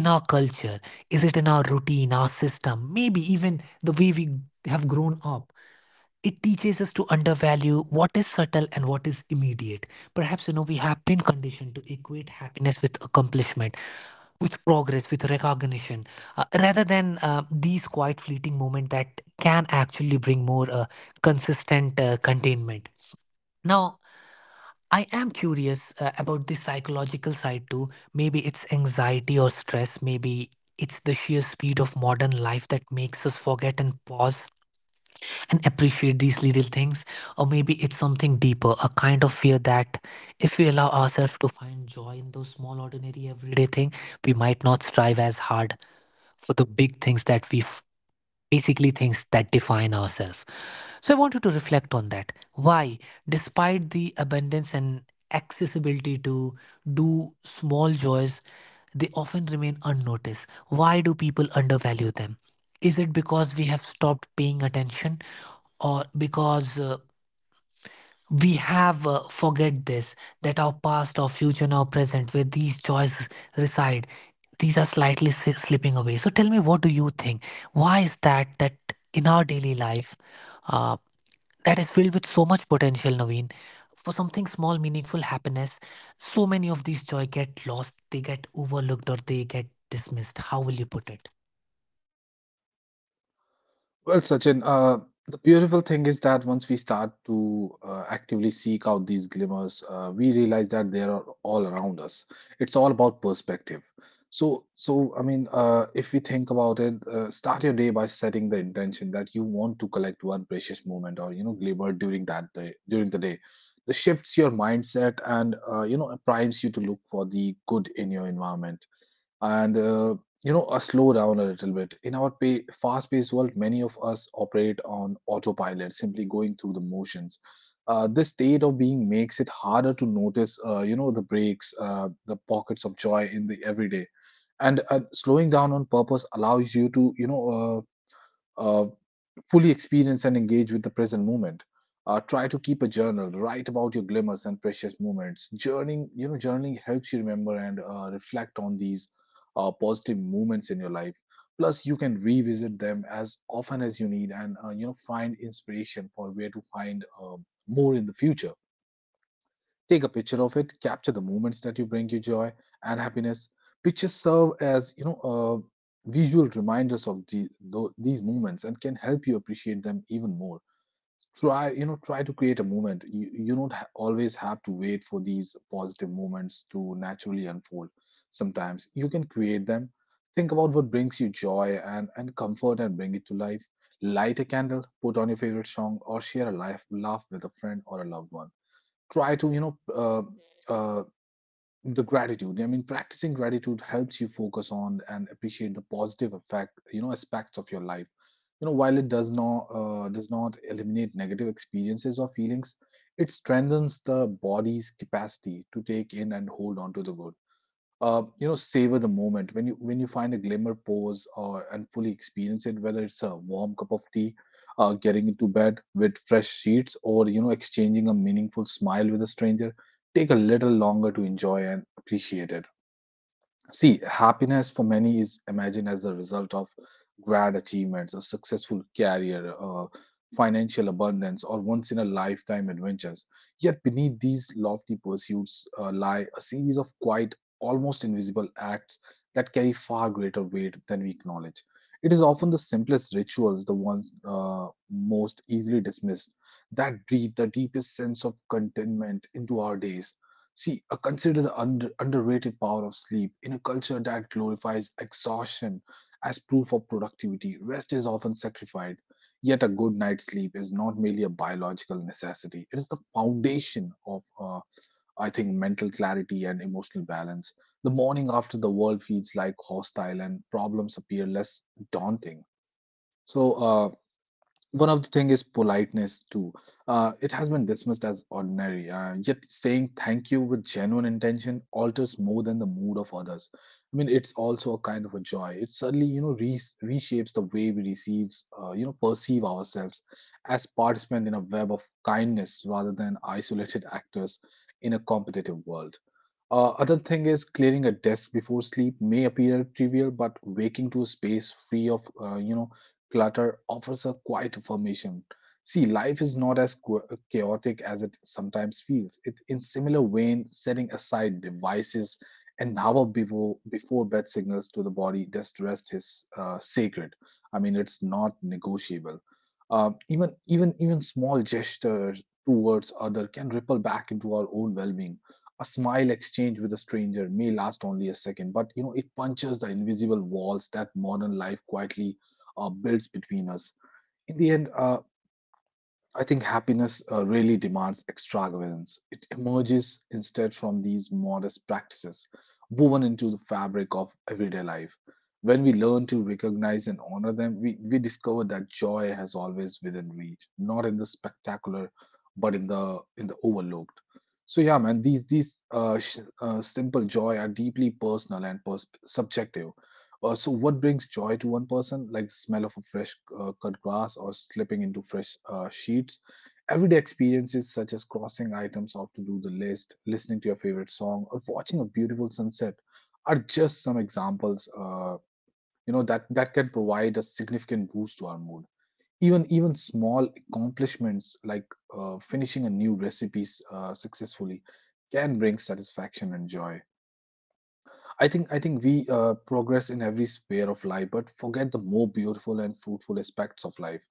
in our culture? Is it in our routine, our system, maybe even the way we have grown up? It teaches us to undervalue what is subtle and what is immediate. Perhaps, we have been conditioned to equate happiness with accomplishment, with progress, with recognition, rather than these quiet, fleeting moments that can actually bring more consistent containment. Now, I am curious about the psychological side too. Maybe it's anxiety or stress, maybe it's the sheer speed of modern life that makes us forget and pause and appreciate these little things, or maybe it's something deeper, a kind of fear that if we allow ourselves to find joy in those small, ordinary, everyday things, we might not strive as hard for the big things that basically things that define ourselves. So I want you to reflect on that. Why, despite the abundance and accessibility to do small joys, they often remain unnoticed? Why do people undervalue them? Is it because we have stopped paying attention, or because we have forget this that our past, our future, and our present, where these joys reside, these are slightly slipping away? So tell me, what do you think? Why is that, that in our daily life, uh, that is filled with so much potential, Naveen, for something small, meaningful happiness, so many of these joy get lost, they get overlooked, or they get dismissed? How will you put it?
Well, Sachin, the beautiful thing is that once we start to actively seek out these glimmers, we realize that they are all around us. It's all about perspective. So, if we think about it, start your day by setting the intention that you want to collect one precious moment or glimmer during the day. This shifts your mindset and primes you to look for the good in your environment, and slow down a little bit. In our fast-paced world, many of us operate on autopilot, simply going through the motions. This state of being makes it harder to notice the breaks, the pockets of joy in the everyday. And slowing down on purpose allows you to uh, uh, fully experience and engage with the present moment. Try to keep a journal. Write about your glimmers and precious moments. Journaling you know, journaling helps you remember and reflect on these positive moments in your life. Plus, you can revisit them as often as you need, and you know, find inspiration for where to find more in the future. Take a picture of it, capture the moments that you bring you joy and happiness. Pictures serve as visual reminders of these moments, and can help you appreciate them even more. Try, you know, try to create a moment. You don't always have to wait for these positive moments to naturally unfold. Sometimes you can create them. Think about what brings you joy and comfort, and bring it to life. Light a candle, put on your favorite song, or share a life, laugh with a friend or a loved one. Try to you know uh, the gratitude. Practicing gratitude helps you focus on and appreciate the positive effect, aspects of your life. While it does not, eliminate negative experiences or feelings, it strengthens the body's capacity to take in and hold on to the good. Savor the moment when you find a glimmer, pose or and fully experience it, whether it's a warm cup of tea, getting into bed with fresh sheets, or you know exchanging a meaningful smile with a stranger. Take a little longer to enjoy and appreciate it. See, happiness for many is imagined as the result of grand achievements, a successful career, financial abundance, or once in a lifetime adventures. Yet, beneath these lofty pursuits lie a series of quiet, almost invisible acts that carry far greater weight than we acknowledge. It is often the simplest rituals, the ones most easily dismissed, that breathe the deepest sense of contentment into our days. See, consider the underrated power of sleep. In a culture that glorifies exhaustion as proof of productivity, rest is often sacrificed. Yet, a good night's sleep is not merely a biological necessity, it is the foundation of, I think, mental clarity and emotional balance. The morning after, the world feels like hostile and problems appear less daunting. So, one of the thing is politeness too. It has been dismissed as ordinary, yet saying thank you with genuine intention alters more than the mood of others. I mean, it's also a kind of a joy. It suddenly you know, reshapes the way we receives, perceive ourselves as participant in a web of kindness rather than isolated actors in a competitive world. Other thing is, clearing a desk before sleep may appear trivial, but waking to a space free of clutter offers a quiet affirmation. See, life is not as chaotic as it sometimes feels. It, in similar vein, setting aside devices an hour before bed signals to the body just rest is sacred. I mean, it's not negotiable. Even even small gestures towards other can ripple back into our own well-being. A smile exchange with a stranger may last only a second, but you know it punches the invisible walls that modern life quietly builds between us. In the end, I think happiness really demands extravagance. It emerges instead from these modest practices woven into the fabric of everyday life. When we learn to recognize and honor them, we discover that joy has always within reach, not in the spectacular, but in the overlooked. So yeah, man, these simple joy are deeply personal and subjective. So what brings joy to one person, like the smell of a fresh cut grass or slipping into fresh sheets? Everyday experiences such as crossing items off to do the list, listening to your favorite song, or watching a beautiful sunset are just some examples. That can provide a significant boost to our mood. Even small accomplishments like finishing a new recipe successfully can bring satisfaction and joy. I think we progress in every sphere of life, but forget the more beautiful and fruitful aspects of life.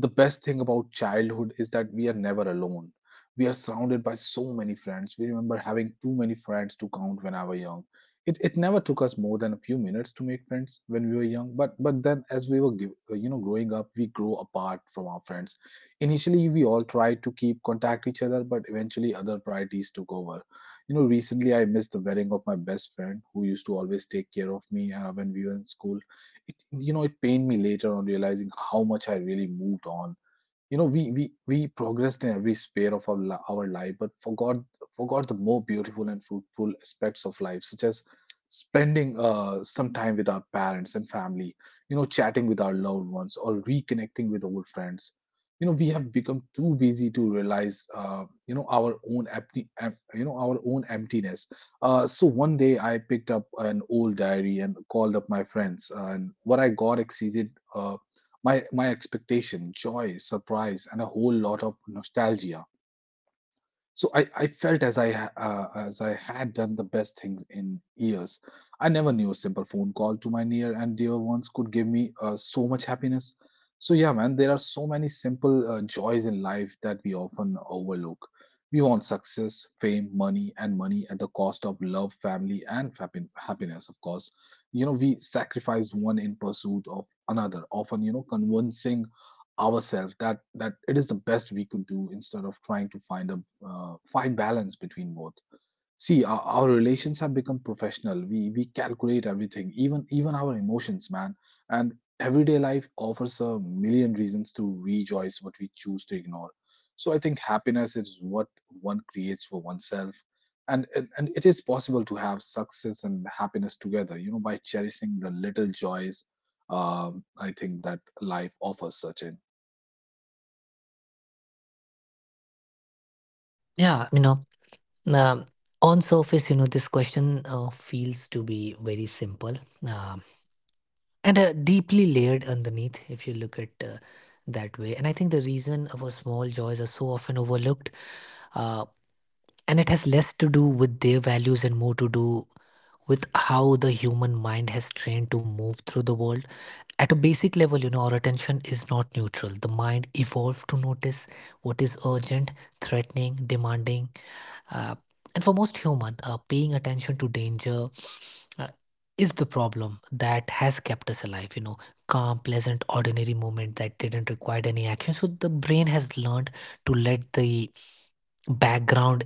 The best thing about childhood is that we are never alone. We are surrounded by so many friends. We remember having too many friends to count when I was young. It never took us more than a few minutes to make friends when we were young. But then as we were growing up, we grow apart from our friends. Initially, we all tried to keep contact each other, but eventually other priorities took over. You know, recently I missed the wedding of my best friend who used to always take care of me when we were in school. It it pained me later on, realizing how much I really moved on. We progressed in every sphere of our life, but forgot the more beautiful and fruitful aspects of life, such as spending some time with our parents and family, you know chatting with our loved ones, or reconnecting with old friends. We have become too busy to realize our own empty em- you know our own emptiness. So one day I picked up an old diary and called up my friends, and what I got exceeded uh, my expectation, joy, surprise, and a whole lot of nostalgia. So I felt as I had done the best things in years. I never knew a simple phone call to my near and dear ones could give me so much happiness. So yeah, man, there are so many simple joys in life that we often overlook. We want success, fame, money, and money at the cost of love, family, and happiness, of course. We sacrifice one in pursuit of another, often convincing ourselves that it is the best we could do, instead of trying to find balance between both. See, our relations have become professional. We calculate everything, even our emotions, man. And everyday life offers a million reasons to rejoice, what we choose to ignore. So I think happiness is what one creates for oneself. And it is possible to have success and happiness together, by cherishing the little joys. I think that life offers such
Yeah, you know, um, on surface, you know, this question feels to be very simple. Um and deeply layered underneath if you look at that way. And I think the reason our small joys are so often overlooked, uh, and it has less to do with their values and more to do with how the human mind has trained to move through the world. At a basic level, you know, our attention is not neutral. The mind evolved to notice what is urgent, threatening, demanding, uh, and for most human, paying attention to danger, uh, is the problem that has kept us alive. You know, calm, pleasant, ordinary moment that didn't require any action, so the brain has learned to let the background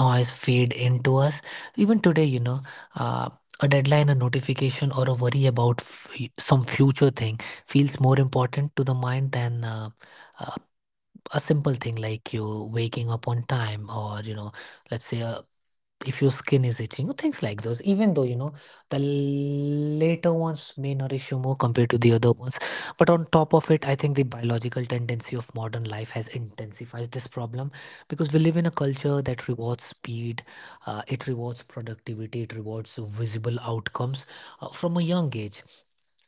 noise fade into us. Even today, you know, uh, a deadline, a notification, or a worry about some future thing feels more important to the mind than uh, a simple thing like you waking up on time, or, you know, let's say a, if your skin is itching, or things like those, even though, you know, the later ones may nourish you more compared to the other ones. But on top of it, I think the biological tendency of modern life has intensified this problem, because we live in a culture that rewards speed. It rewards productivity, it rewards visible outcomes. From a young age,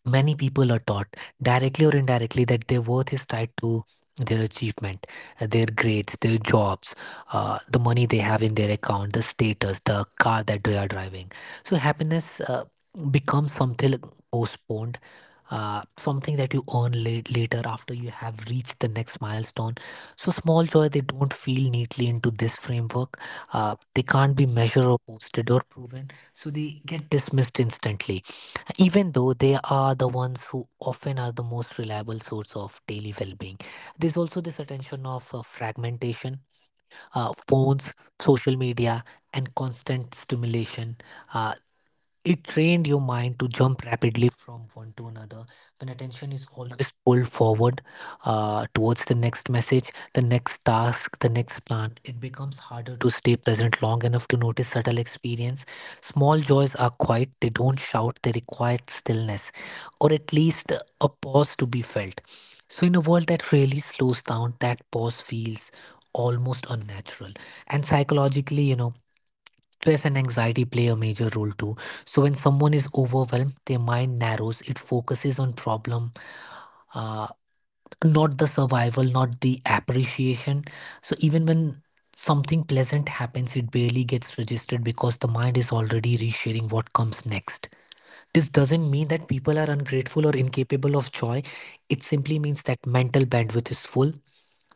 many people are taught, directly or indirectly, that their worth is tied to their achievement, their grades, their jobs, the money they have in their account, the status, the car that they are driving. So happiness becomes something postponed, something that you earn late, later, after you have reached the next milestone. So small joy, they don't feel neatly into this framework. They can't be measured or posted or proven, so they get dismissed instantly, even though they are the ones who often are the most reliable source of daily well-being. There's also this attention of fragmentation, phones, social media, and constant stimulation. uh, it trained your mind to jump rapidly from one to another. When attention is always pulled forward, towards the next message, the next task, the next plan, it becomes harder to stay present long enough to notice subtle experience. Small joys are quiet, they don't shout, they require stillness, or at least a pause to be felt. So, in a world that really slows down, that pause feels almost unnatural. And psychologically, you know, stress and anxiety play a major role too. So when someone is overwhelmed, their mind narrows. It focuses on problem, uh, not the survival, not the appreciation. So even when something pleasant happens, it barely gets registered because the mind is already resharing what comes next. This doesn't mean that people are ungrateful or incapable of joy. It simply means that mental bandwidth is full.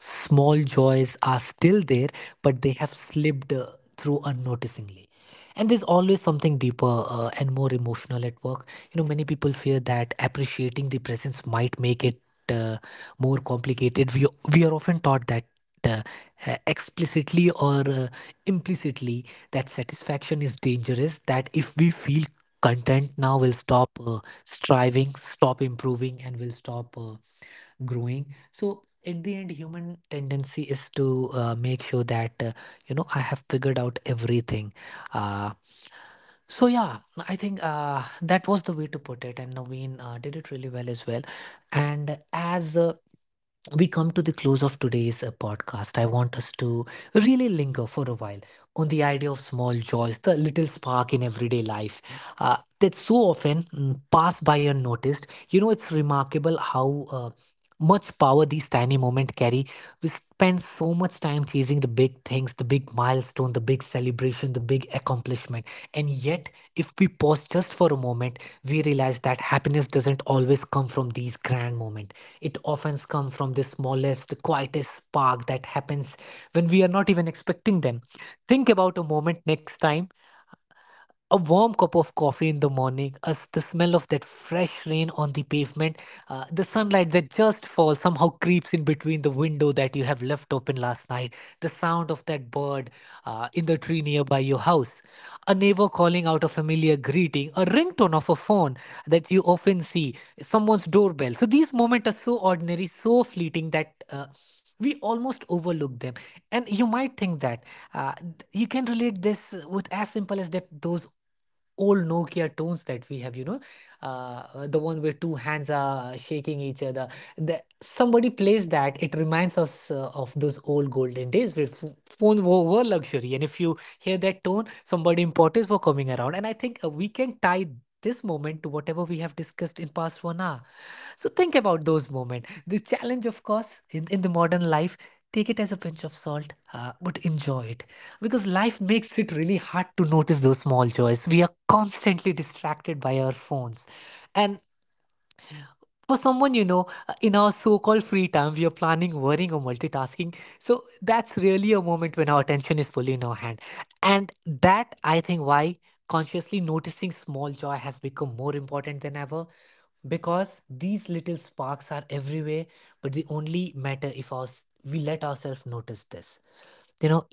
Small joys are still there, but they have slipped through unnoticingly. And there's always something deeper and more emotional at work. You know, many people fear that appreciating the presence might make it uh, more complicated. We are often taught that uh, explicitly, or implicitly, that satisfaction is dangerous, that if we feel content now, we'll stop striving, stop improving, and we'll stop growing. So at the end, human tendency is to make sure that you know, I have figured out everything. uh, so yeah, I think that was the way to put it, and Naveen did it really well as well. And as we come to the close of today's podcast, I want us to really linger for a while on the idea of small joys, the little spark in everyday life that so often pass by unnoticed. You know, it's remarkable how. Uh, much power these tiny moments carry. We spend so much time chasing the big things, the big milestone, the big celebration, the big accomplishment. And yet, if we pause just for a moment, we realize that happiness doesn't always come from these grand moments. It often comes from the smallest, quietest spark that happens when we are not even expecting them. Think about a moment next time, a warm cup of coffee in the morning, as the smell of that fresh rain on the pavement, the sunlight that just falls somehow creeps in between the window that you have left open last night, the sound of that bird in the tree nearby your house, a neighbor calling out a familiar greeting, a ringtone of a phone that you often see, someone's doorbell. So these moments are so ordinary, so fleeting that. We almost overlook them. And you might think that you can relate this with as simple as that, those old Nokia tones that we have, you know, the one where two hands are shaking each other, somebody plays that, it reminds us of those old golden days where phone were luxury, and if you hear that tone, somebody importance were coming around. And I think we can tie this moment to whatever we have discussed in past 1 hour. So think about those moments, the challenge, of course, in the modern life, take it as a pinch of salt, but enjoy it, because life makes it really hard to notice those small joys. We are constantly distracted by our phones, and for someone, you know, in our so-called free time, we are planning, worrying, or multitasking. So that's really a moment when our attention is fully in our hand. And that, I think, why consciously noticing small joy has become more important than ever, because these little sparks are everywhere, but they only matter if our, we let ourselves notice this, you know.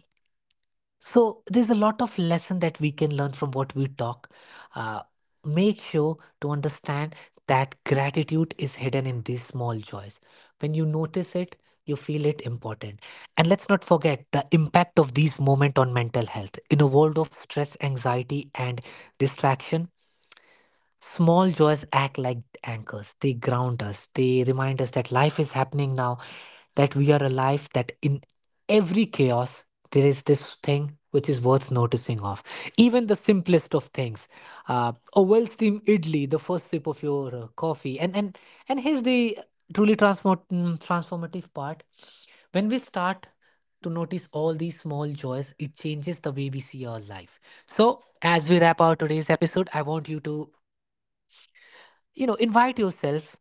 So there's a lot of lesson that we can learn from what we talk. Uh, Make sure to understand that gratitude is hidden in these small joys. When you notice it, you feel it important. And let's not forget the impact of these moments on mental health. In a world of stress, anxiety, and distraction, small joys act like anchors. They ground us. They remind us that life is happening now, that we are alive, that in every chaos, there is this thing which is worth noticing of. Even the simplest of things. A well steamed idli, the first sip of your coffee. And here's the truly transformative part. When we start to notice all these small joys, it changes the way we see our life. So, as we wrap our today's episode, I want you to, you know, invite yourself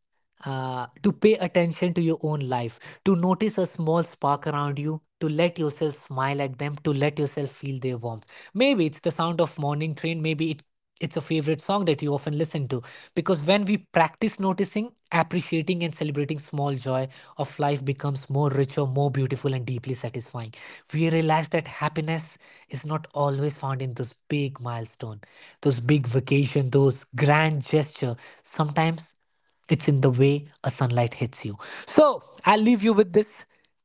to pay attention to your own life, to notice a small spark around you, to let yourself smile at them, to let yourself feel their warmth. Maybe it's the sound of morning train, maybe it's a favorite song that you often listen to, because when we practice noticing, appreciating, and celebrating small joy of life becomes more richer, more beautiful, and deeply satisfying. We realize that happiness is not always found in those big milestone, those big vacation, those grand gesture. Sometimes it's in the way a sunlight hits you. So I'll leave you with this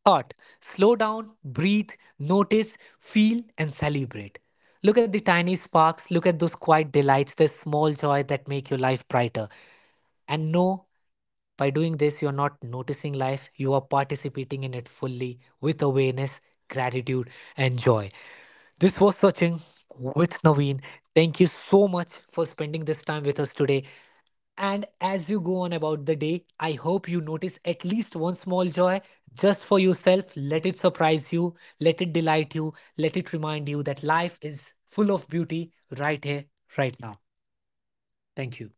thought. Slow down, breathe, notice, feel, and celebrate. Look at the tiny sparks, look at those quiet delights, the small joy that make your life brighter. And no, by doing this, you're not noticing life, you are participating in it fully with awareness, gratitude, and joy. This was Sachin with Naveen. Thank you so much for spending this time with us today. And as you go on about the day, I hope you notice at least one small joy just for yourself. Let it surprise you, let it delight you, let it remind you that life is full of beauty right here, right now. Thank you.